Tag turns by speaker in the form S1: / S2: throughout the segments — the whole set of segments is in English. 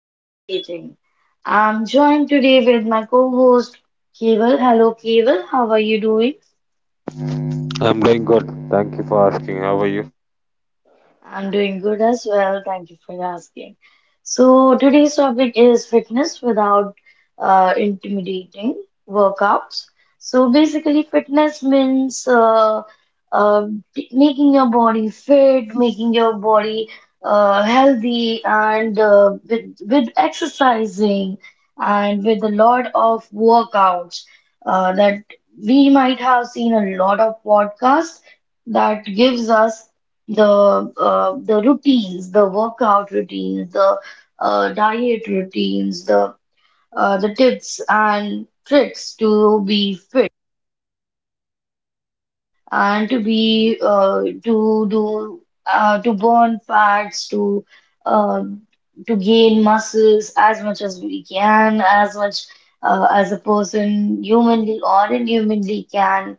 S1: intimidating. I'm joined today with my co-host Keval. Hello Keval, how are you doing?
S2: I'm doing good. Thank you for asking. How are you?
S1: I'm doing good as well. Thank you for asking. Today's topic is fitness without intimidating workouts. So, basically, fitness means uh, making your body fit, making your body healthy, and with exercising and with a lot of workouts that we might have seen a lot of podcasts that gives us the routines, the workout routines, the diet routines, the tips and tricks to be fit and to be to do to burn fats, uh, to gain muscles as much as we can, as much as a person humanly or inhumanly can.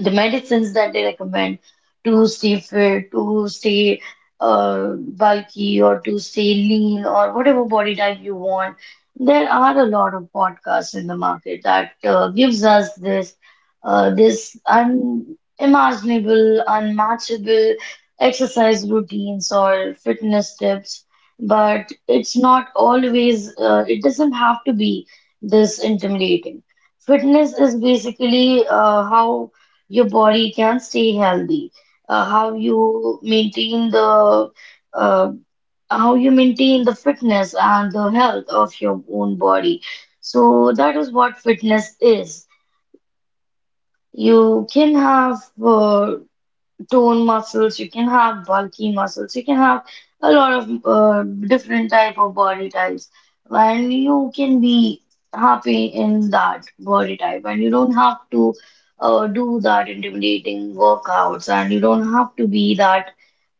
S1: The medicines that they recommend to stay fit, to stay uh, bulky, or to stay lean, or whatever body type you want. There are a lot of podcasts in the market that gives us this this unimaginable, unmatchable exercise routines or fitness tips. But it's not always. It doesn't have to be this intimidating. Fitness is basically how your body can stay healthy, uh, how you maintain the uh, how you maintain the fitness and the health of your own body. So that is what fitness is. You can have tone muscles, you can have bulky muscles, you can have a lot of different type of body types, and you can be happy in that body type, and you don't have to do that intimidating workouts, and you don't have to be that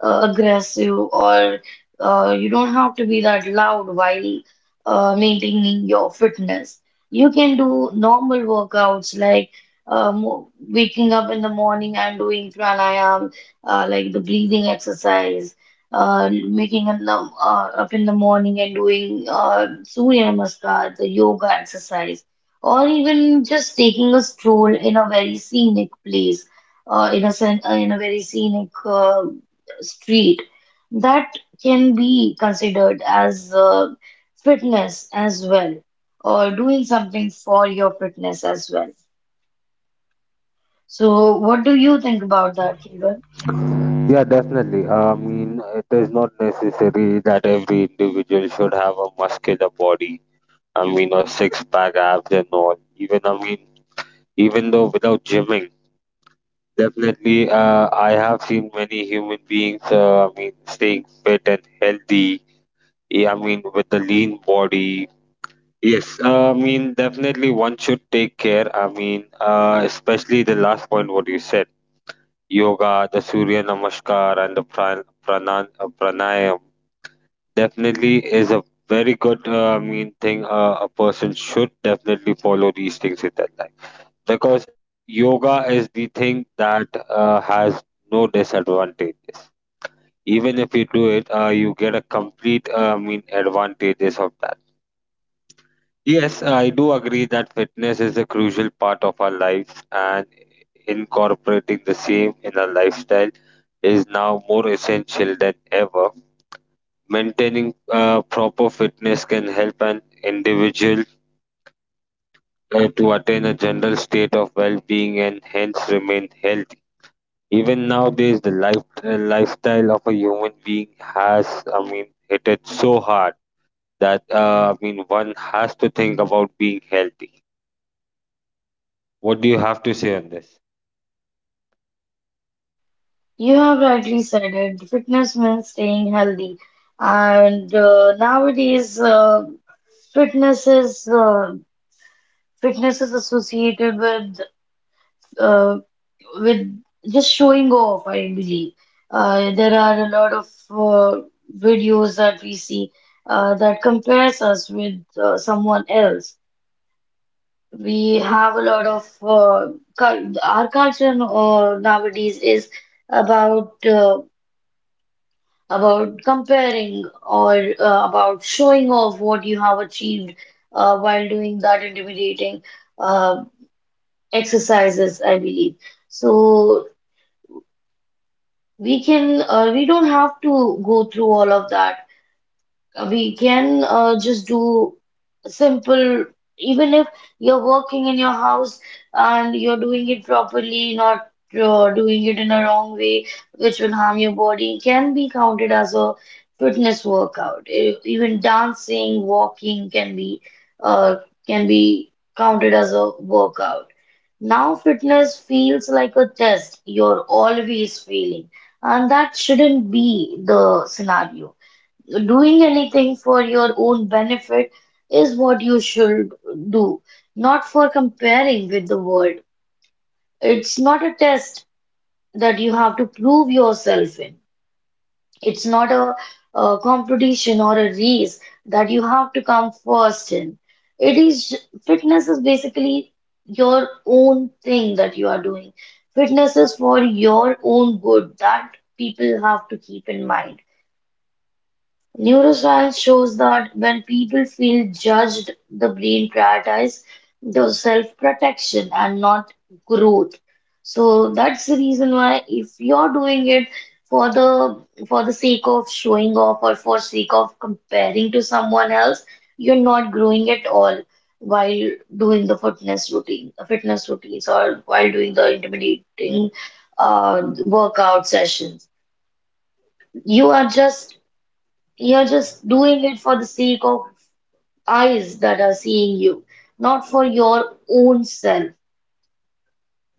S1: aggressive, or you don't have to be that loud while maintaining your fitness. You can do normal workouts like waking up in the morning and doing pranayam, like the breathing exercise, making a num up in the morning and doing Surya Namaskar, the yoga exercise, or even just taking a stroll in a very scenic place, in a very scenic street. That can be considered as fitness as well, or doing something for your fitness as well. So, what do you think about that, Kevan?
S2: Yeah, definitely. It is not necessary that every individual should have a muscular body. Or six pack abs and all. Even, even though without gymming, definitely, I have seen many human beings, staying fit and healthy. Yeah, with a lean body. Yes, definitely one should take care. Especially the last point what you said. Yoga, the Surya Namaskar, and the pranayam definitely is a very good, thing. A person should definitely follow these things in their life because yoga is the thing that has no disadvantages. Even if you do it, you get a complete, advantages of that. Yes, I do agree that fitness is a crucial part of our lives, and incorporating the same in our lifestyle is now more essential than ever. Maintaining proper fitness can help an individual to attain a general state of well-being and hence remain healthy. Even nowadays, the life, lifestyle of a human being has, hit it so hard that one has to think about being healthy. What do you have to say on this?
S1: You have rightly said it. Fitness means staying healthy, and nowadays, fitness is uh, fitness is associated uh, with just showing off, I believe. There are a lot of videos that we see that compares us with someone else. We have a lot of our culture nowadays is about uh, about comparing or about showing off what you have achieved while doing that intimidating uh, exercises, I believe. So we can we don't have to go through all of that. We can just do simple. Even if you're working in your house and you're doing it properly, not doing it in a wrong way which will harm your body, can be counted as a fitness workout. Even dancing, walking uh, can be counted as a workout. Now fitness feels like a test you're always failing, and that shouldn't be the scenario. Doing anything for your own benefit is what you should do, not for comparing with the world. It's not a test that you have to prove yourself in. It's not a competition or a race that you have to come first in. It is, fitness is basically your own thing that you are doing. Fitness is for your own good. That people have to keep in mind. Neuroscience shows that when people feel judged, the brain prioritizes the self-protection and not growth. So that's the reason why if you're doing it for the sake of showing off or for sake of comparing to someone else, you're not growing at all while doing the fitness routine, fitness routines or while doing the intimidating workout sessions. You are just, you're just doing it for the sake of eyes that are seeing you, not for your own self.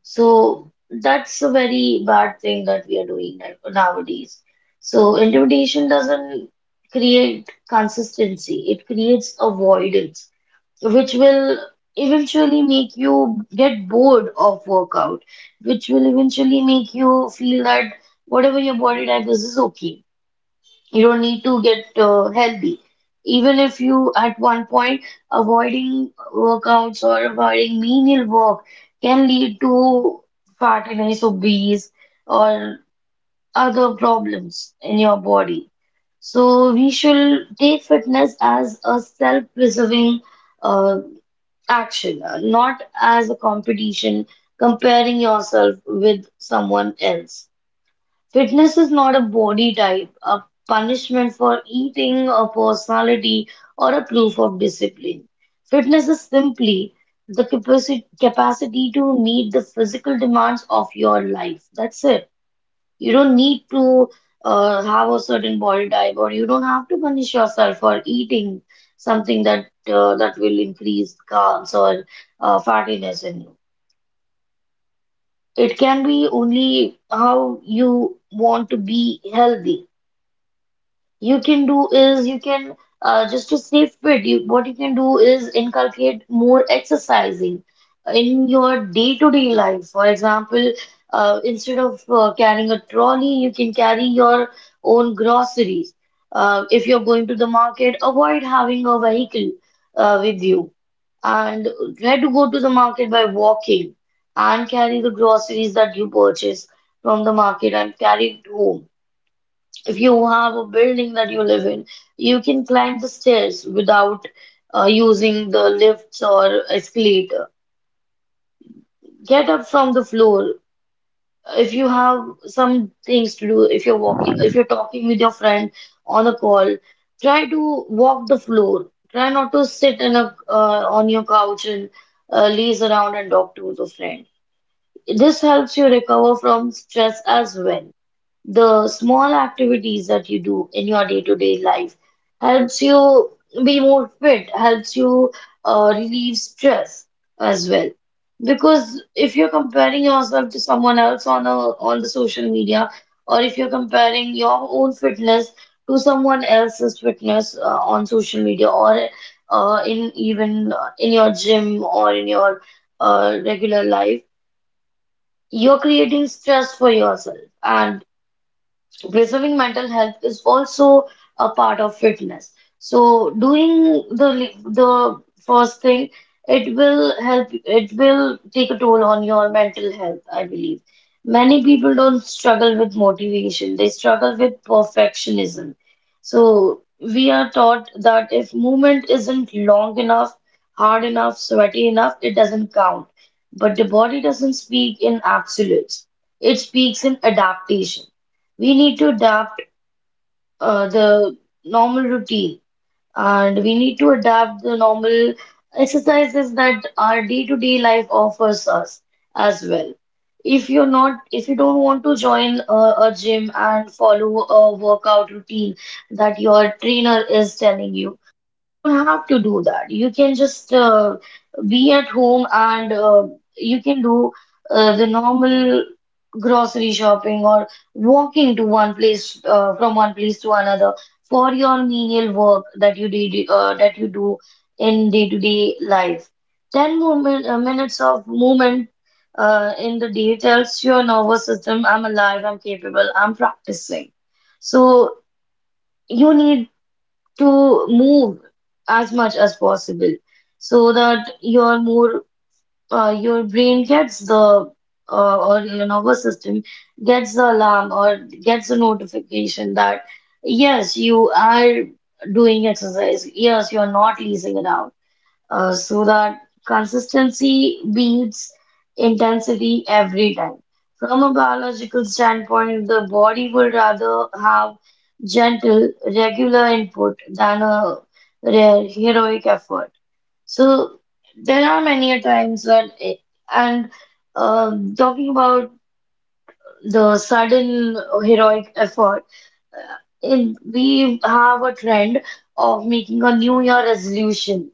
S1: So that's a very bad thing that we are doing nowadays. So intimidation doesn't create consistency, it creates avoidance, which will eventually make you get bored of workout, which will eventually make you feel that whatever your body type is okay. You don't need to get healthy. Even if you, at one point, avoiding workouts or avoiding menial work can lead to fatness, obese, or other problems in your body. So we should take fitness as a self-preserving uh, action, not as a competition comparing yourself with someone else. Fitness is not a body type, a punishment for eating, a personality, or a proof of discipline. Fitness is simply the capacity to meet the physical demands of your life. That's it. You don't need to have a certain body type, or you don't have to punish yourself for eating something that that will increase carbs or fattiness in you. It can be only how you want to be healthy. You can do is you can Just to stay fit, you what you can do is inculcate more exercising in your day-to-day life. For example, instead of carrying a trolley, you can carry your own groceries. If you're going to the market, avoid having a vehicle with you, and try to go to the market by walking and carry the groceries that you purchase from the market and carry it home. If you have a building that you live in, you can climb the stairs without using the lifts or escalator. Get up from the floor. If you have some things to do, if you're walking, if you're talking with your friend on a call, try to walk the floor. Try not to sit in a on your couch and laze around and talk to the friend. This helps you recover from stress as well. The small activities that you do in your day-to-day life helps you be more fit, helps you relieve stress as well. Because if you're comparing yourself to someone else on the social media, or if you're comparing your own fitness to someone else's fitness on social media, or in your gym or in your regular life, you're creating stress for yourself, and preserving mental health is also a part of fitness. So doing the the first thing, it will help. It will take a toll on your mental health, I believe. Many people don't struggle with motivation; they struggle with perfectionism. So we are taught that if movement isn't long enough, hard enough, sweaty enough, it doesn't count. But the body doesn't speak in absolutes; it speaks in adaptation. We need to adapt the normal routine, and we need to adapt the normal exercises that our day-to-day life offers us as well. If you're not, if you don't want to join a gym and follow a workout routine that your trainer is telling you, don't have to do that. You can just be at home and you can do the normal grocery shopping or walking to one place from one place to another for your menial work that you did that you do in day-to-day life. 10 minutes of movement in the day tells your nervous system, I'm alive, I'm capable, I'm practicing. So you need to move as much as possible so that your brain gets the or your nervous system gets the alarm or gets the notification that yes, you are doing exercise, yes, you are not lazing around. So that consistency beats intensity every time. From a biological standpoint, the body would rather have gentle, regular input than a rare, heroic effort. So there are many a times when, it, and talking about the sudden heroic effort, uh, we have a trend of making a New Year resolution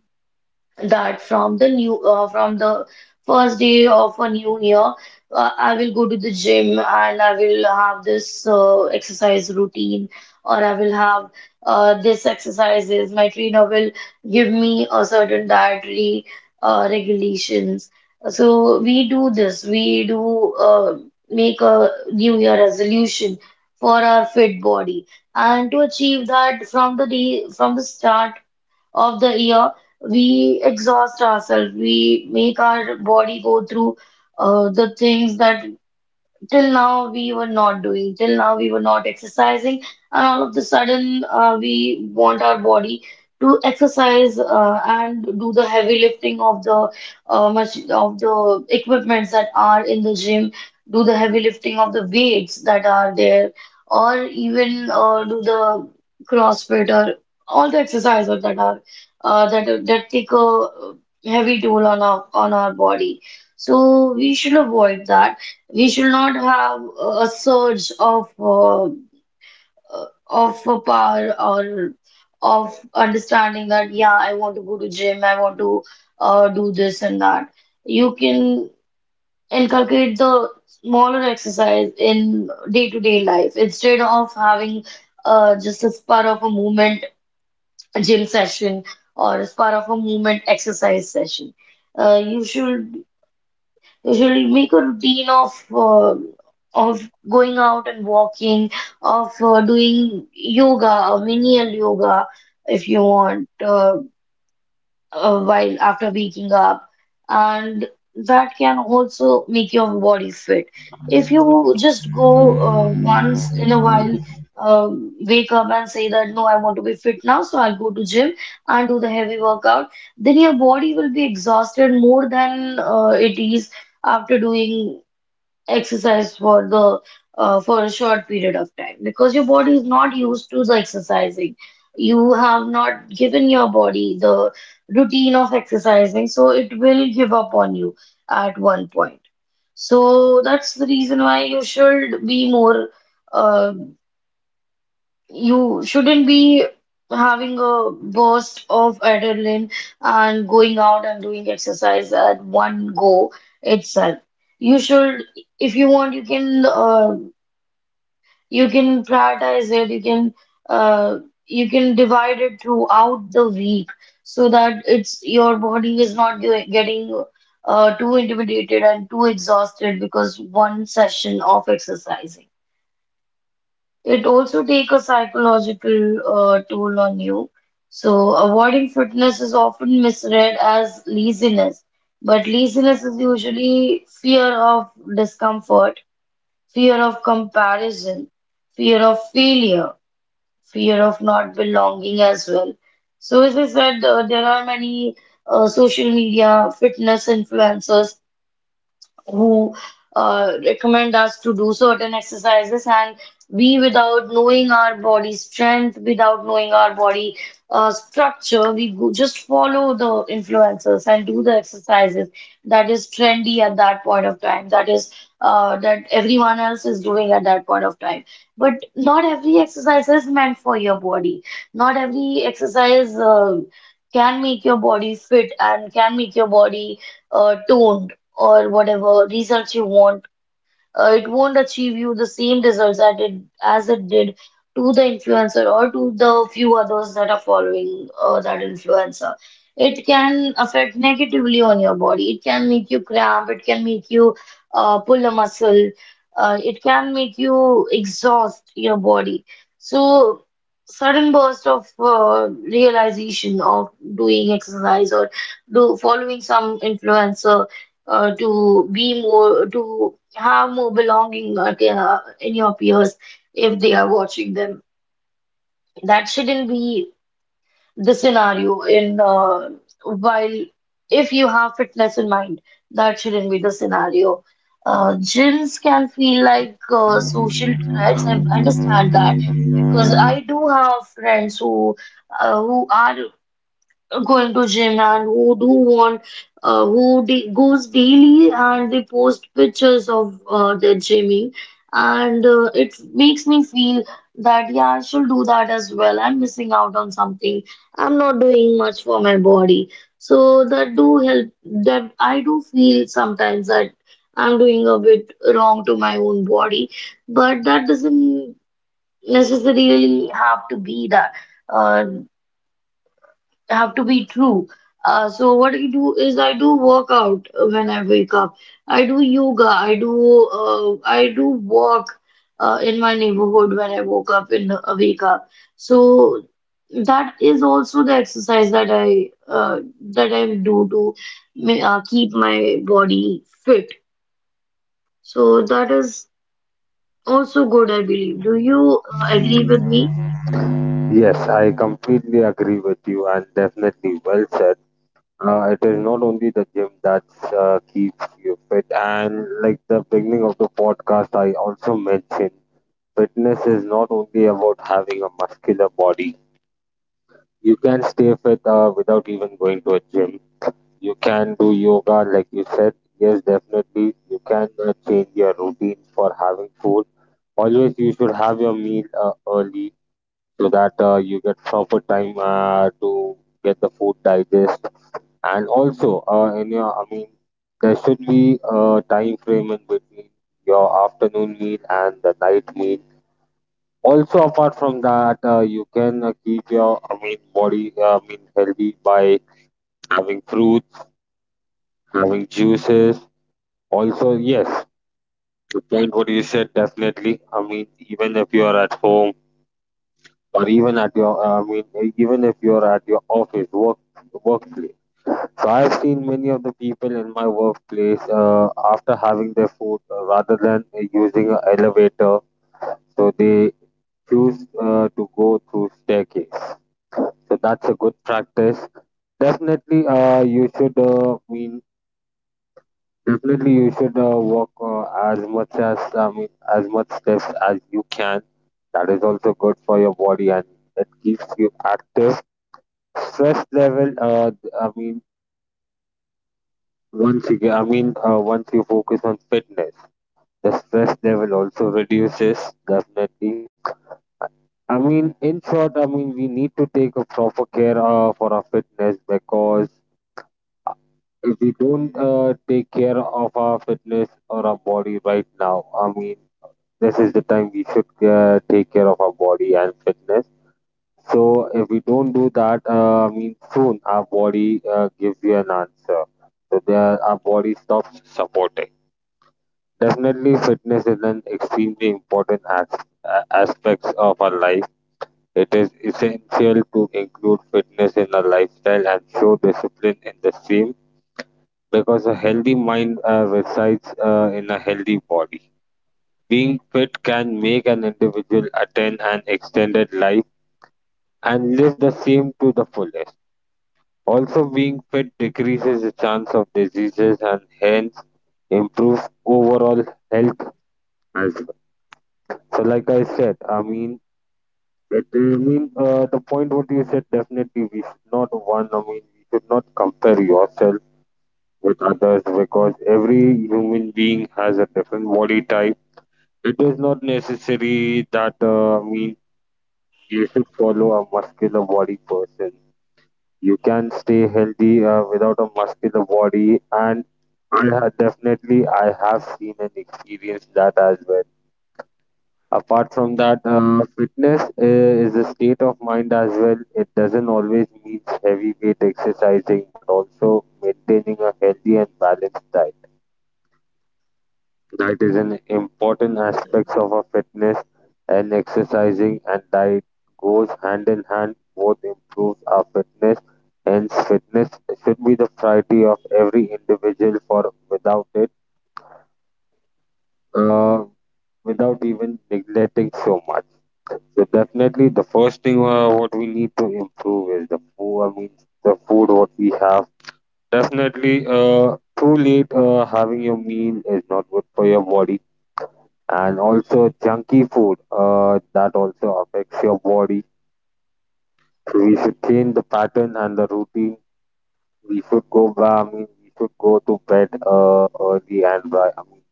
S1: that from the new from the first day of a new year, I will go to the gym and I will have this exercise routine, or I will have this exercises my trainer will give me a certain dietary regulations. So we do this, we do make a new year resolution for our fit body, and to achieve that from the day, from the start of the year, we exhaust ourselves. We make our body go through the things that till now we were not doing, till now we were not exercising, and all of the sudden we want our body to exercise and do the heavy lifting of the much of the equipments that are in the gym, do the heavy lifting of the weights that are there, or even do the CrossFit, or all the exercises that are that take a heavy toll on our body. So we should avoid that. We should not have a surge of a power, or of understanding that yeah, I want to go to gym, I want to do this and that. You can inculcate the smaller exercise in day-to-day life instead of having just a spur of a movement gym session, or a spur of a movement exercise session. You should. They should make a routine of going out and walking, of doing yoga, or menial yoga if you want. While after waking up, and that can also make your body fit. If you just go once in a while, wake up and say that no, I want to be fit now, so I'll go to gym and do the heavy workout, then your body will be exhausted more than it is after doing exercise for the for a short period of time, because your body is not used to the exercising. You have not given your body the routine of exercising, so it will give up on you at one point. So that's the reason why you should be more uh, you shouldn't be having a burst of adrenaline and going out and doing exercise at one go itself. You should, if you want, you can prioritize it. Uh, you can divide it throughout the week, so that it's your body is not getting too intimidated and too exhausted because one session of exercising. It also take a psychological toll on you. So avoiding fitness is often misread as laziness, but laziness is usually fear of discomfort, fear of comparison, fear of failure, fear of not belonging as well. So as I said, there are many social media fitness influencers who recommend us to do certain exercises, and we, without knowing our body strength, without knowing our body structure, we go, just follow the influencers and do the exercises that is trendy at that point of time, that is that everyone else is doing at that point of time. But not every exercise is meant for your body, not every exercise can make your body fit and can make your body toned, or whatever results you want. It won't achieve you the same results that it, as it did to the influencer, or to the few others that are following that influencer. It can affect negatively on your body. It can make you cramp. It can make you pull a muscle. It can make you exhaust your body. So, sudden burst of realization of doing exercise, or do following some influencer to be more, to have more belonging in your peers if they are watching them. That shouldn't be the scenario in while if you have fitness in mind, that shouldn't be the scenario. Gyms can feel like social threats. I understand that because I do have friends who are going to gym, and who do want who da goes daily and they post pictures of their gymming, and it makes me feel that yeah, I should do that as well, I'm missing out on something, I'm not doing much for my body. So that do help, that I do feel sometimes that I'm doing a bit wrong to my own body, but that doesn't necessarily have to be that. Uh, I have to be true. So what I do is I do workout when I wake up. I do yoga. I do walk in my neighborhood when I woke up in the, wake up. So that is also the exercise that I do to keep my body fit. So that is also good, I believe. Do you agree with me?
S2: Yes, I completely agree with you, and definitely well said. It is not only the gym that keeps you fit, and like the beginning of the podcast, I also mentioned fitness is not only about having a muscular body. You can stay fit without even going to a gym. You can do yoga, like you said. Yes, definitely. You can change your routine for having food. Always, you should have your meal early so that you get proper time to get the food digest, and also in your I mean there should be a time frame in between your afternoon meal and the night meal. Also, apart from that, you can keep your body healthy by having fruits, having juices. Also, yes, the point what you said, definitely. Even if you are at home, or even at your even if you're at your office work workplace. So I've seen many of the people in my workplace after having their food rather than using an elevator, so they choose to go through staircase. So that's a good practice. Definitely, you should mean definitely you should walk as much as as much steps as you can. That is also good for your body and it keeps you active. Stress level, I mean, once you get, once you focus on fitness, the stress level also reduces definitely. In short, we need to take a proper care for our fitness because if we don't take care of our fitness or our body right now, this is the time we should take care of our body and fitness. So if we don't do that, soon our body gives you an answer. So there, our body stops supporting. Definitely, fitness is an extremely important aspect of our life. It is essential to include fitness in our lifestyle and show discipline in the same because a healthy mind resides in a healthy body. Being fit can make an individual attain an extended life and live the same to the fullest. Also, being fit decreases the chance of diseases and hence improves overall health as well. So like I said, I mean it I mean the point what you said, definitely we should not compare yourself with others because every human being has a different body type. It is not necessary that you should follow a muscular body person. You can stay healthy without a muscular body, and I have seen and experienced that as well. Apart from that, fitness is a state of mind as well. It doesn't always mean heavy weight exercising, but also maintaining a healthy and balanced diet. That is an important
S1: That's right.
S2: aspect of our fitness, and exercising and diet goes hand in hand. Both improves our fitness. Hence, fitness should be the priority of every individual. For without it, uh, without even neglecting so much. So definitely, the first thing what we need to improve is the food. The food what we have. Definitely, too late having your meal is not good for your body, and also junky food that also affects your body. So we should change the pattern and the routine. We should go I mean we should go to bed early and ri- I mean,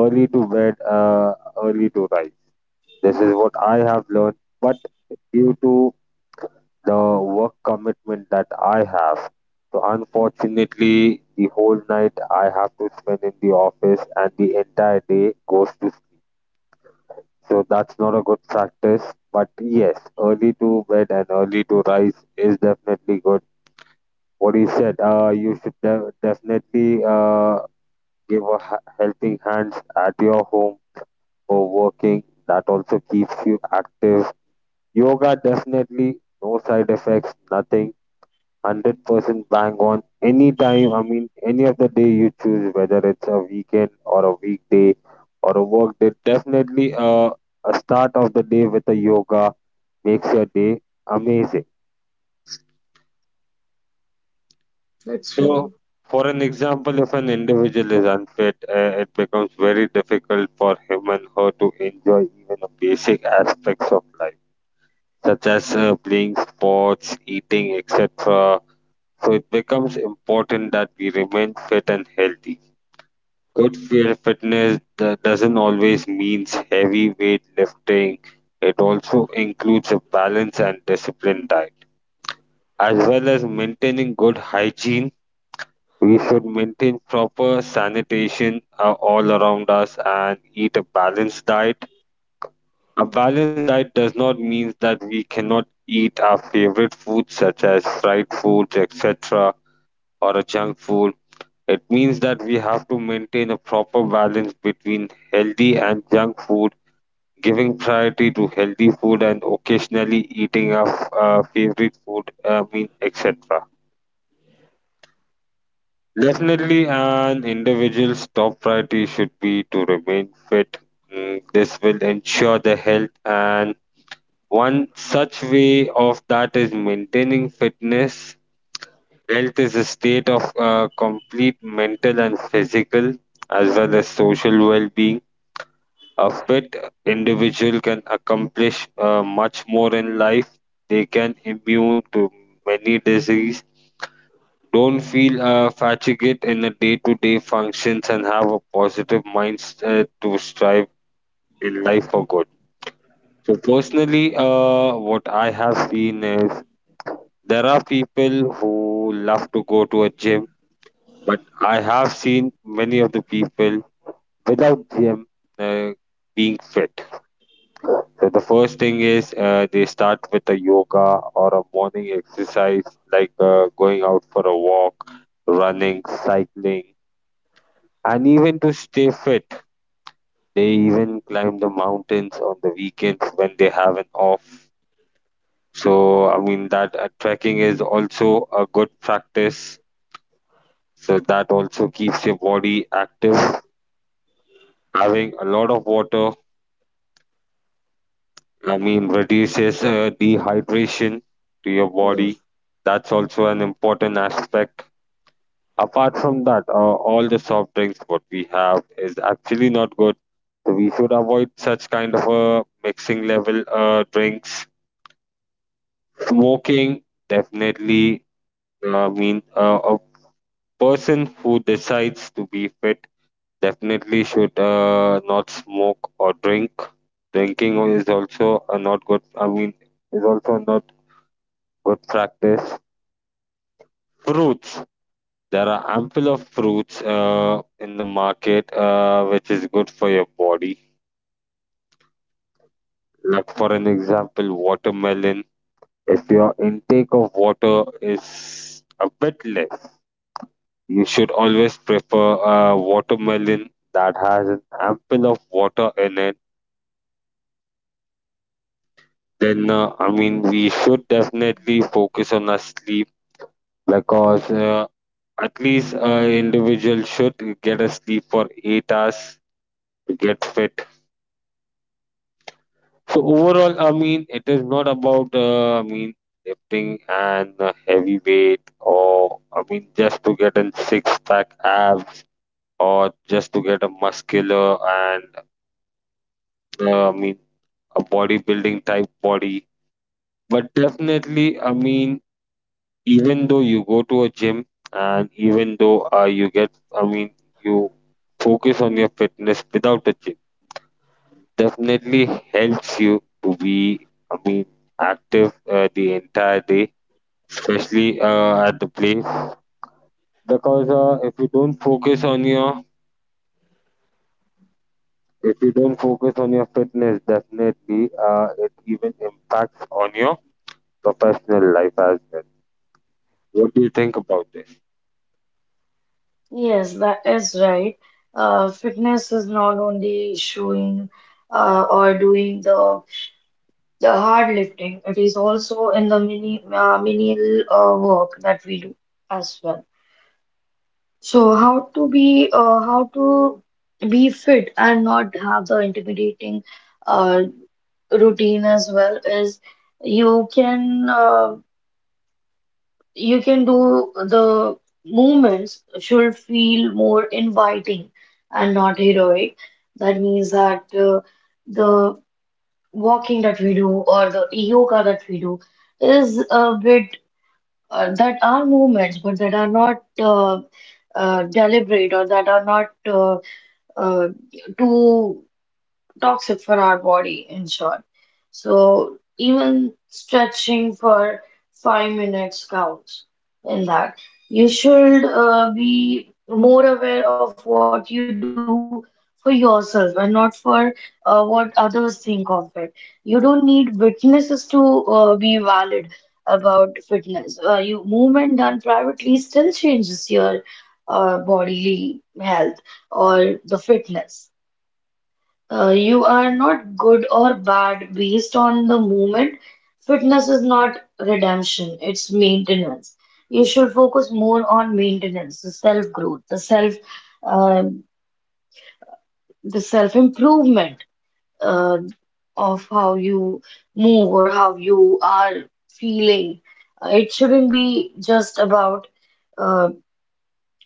S2: early to bed, early to rise. This is what I have learned, but due to the work commitment that I have, so unfortunately the whole night I have to spend in the office and the entire day goes to sleep. So that's not a good practice. But yes, early to bed and early to rise is definitely good. What you said, you should definitely give a helping hand at your home for working. That also keeps you active. Yoga definitely no side effects, nothing. 100% bang on any time. Any of the day you choose, whether it's a weekend or a weekday or a work day. Definitely, a start of the day with a yoga makes your day amazing.
S1: That's right.
S2: So, for an example, if an individual is unfit, it becomes very difficult for him and her to enjoy even the basic aspects of life, such as playing sports, eating, etc. So, it becomes important that we remain fit and healthy. Fitness doesn't always means heavy weight lifting. It also includes a balanced and disciplined diet, as well as maintaining good hygiene. We should maintain proper sanitation all around us and eat a balanced diet. A balanced diet does not mean that we cannot eat our favorite foods such as fried foods, etc., or a junk food. It means that we have to maintain a proper balance between healthy and junk food, giving priority to healthy food and occasionally eating our favorite food, etc. Definitely, an individual's top priority should be to remain fit. Mm, this will ensure the health, and one such way of that is maintaining fitness. Health is a state of complete mental and physical, as well as social well being. A fit individual can accomplish much more in life, they can immune to many diseases, don't feel fatigued in the day to day functions, and have a positive mindset to strive in life for good. So, personally, what I have seen is there are people who love to go to a gym, but I have seen many of the people without gym, uh, being fit. So, the first thing is they start with a yoga or a morning exercise, like going out for a walk, running, cycling. And even to stay fit, they even climb the mountains on the weekends when they have an off. So, that trekking is also a good practice. So, that also keeps your body active. Having a lot of water, reduces dehydration to your body.
S1: Yes.
S2: That's also an important aspect. Apart from that, all the soft drinks what we have is actually not good. So we should avoid such kind of a mixing level drinks. Smoking definitely. Mean a person who decides to be fit definitely should not smoke or drink. Drinking is also a not good. Is also not good practice. Fruits. There are ample of fruits in the market which is good for your body. Like, for an example, watermelon. If your intake of water is a bit less, you should always prefer watermelon that has an ample of water in it. Then we should definitely focus on our sleep because at least an individual should get a sleep for 8 hours to get fit. So overall, it is not about lifting and heavy weight, or just to get a six pack abs, or just to get a muscular and uh, I mean a bodybuilding type body. But definitely, even though you go to a gym, and even though you get, I mean, you focus on your fitness without a gym, definitely helps you to be, active the entire day, especially at the place. Because if you don't focus on your fitness, definitely it even impacts on your professional life as well. What do you think about this?
S1: Yes, that is right. Fitness is not only showing or doing the hard lifting, it is also in the mini menial work that we do as well. So how to be how to be fit and not have the intimidating uh, routine as well is you can uh, you can do the movements should feel more inviting and not heroic. That means that the walking that we do, or the yoga that we do, is a bit that are movements but that are not deliberate, or that are not uh, too toxic for our body, in short. So even stretching for 5 minutes counts in that. You should be more aware of what you do for yourself, and not for what others think of it. You don't need witnesses to be valid about fitness. You movement done privately still changes your bodily health or the fitness. You are not good or bad based on the moment. Fitness is not redemption, it's maintenance. You should focus more on maintenance, the self-growth, the self, um the self-improvement uh, of how you move or how you are feeling. It shouldn't be just about uh,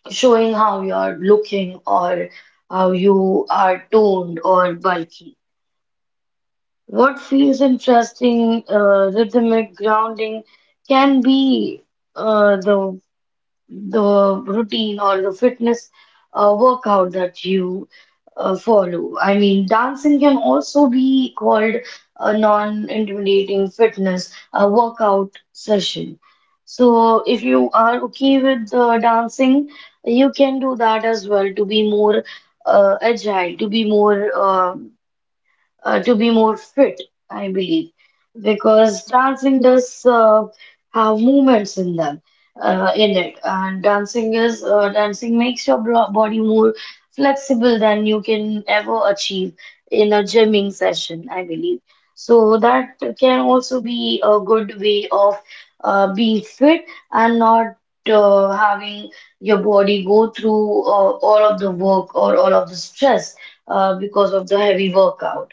S1: showing how you are looking, or how you are toned or bulky. What feels interesting, rhythmic grounding, can be uh, the the routine or the fitness workout that you follow. I mean, dancing can also be called a non-intimidating fitness a workout session. So if you are okay with dancing, you can do that as well to be more agile, to be more. To be more fit, I believe, because dancing does have movements in them, in it, and dancing is dancing makes your body more flexible than you can ever achieve in a gymming session, I believe. So that can also be a good way of being fit, and not having your body go through all of the work or all of the stress because of the heavy workout.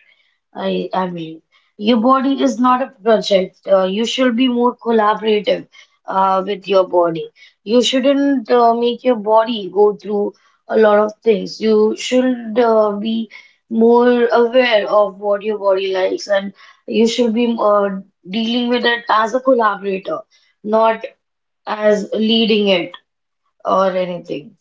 S1: I mean, your body is not a project. You should be more collaborative with your body. You shouldn't make your body go through a lot of things. You should be more aware of what your body likes, and you should be dealing with it as a collaborator, not as leading it or anything.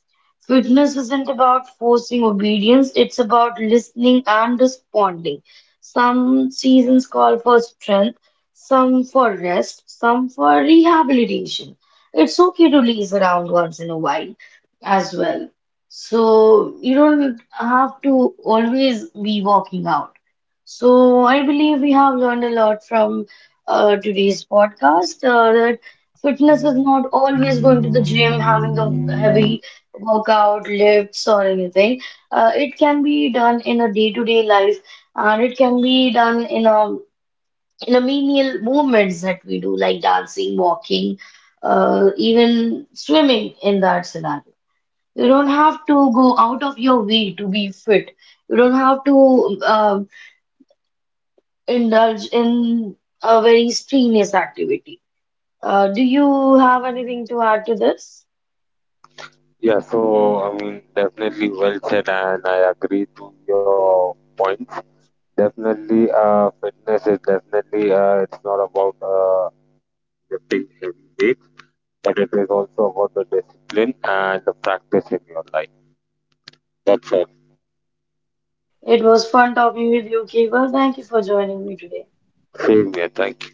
S1: Fitness isn't about forcing obedience, it's about listening and responding. Some seasons call for strength, some for rest, some for rehabilitation. It's okay to laze around once in a while as well. So you don't have to always be walking out. So I believe we have learned a lot from today's podcast that fitness is not always going to the gym, having the heavy workout, lifts or anything. It can be done in a day-to-day life, and it can be done in a menial movements that we do, like dancing, walking, even swimming in that scenario. You don't have to go out of your way to be fit. You don't have to. Indulge in a very strenuous activity. Do you have anything to add to this?
S2: Yeah, so, definitely well said, and I agree to your points. Definitely, fitness is definitely it's not about lifting heavy weights, but it is also about the discipline and the practice in your life. That's all.
S1: It was fun talking with you, Keva. Thank you for joining me today.
S2: Same here, thank you.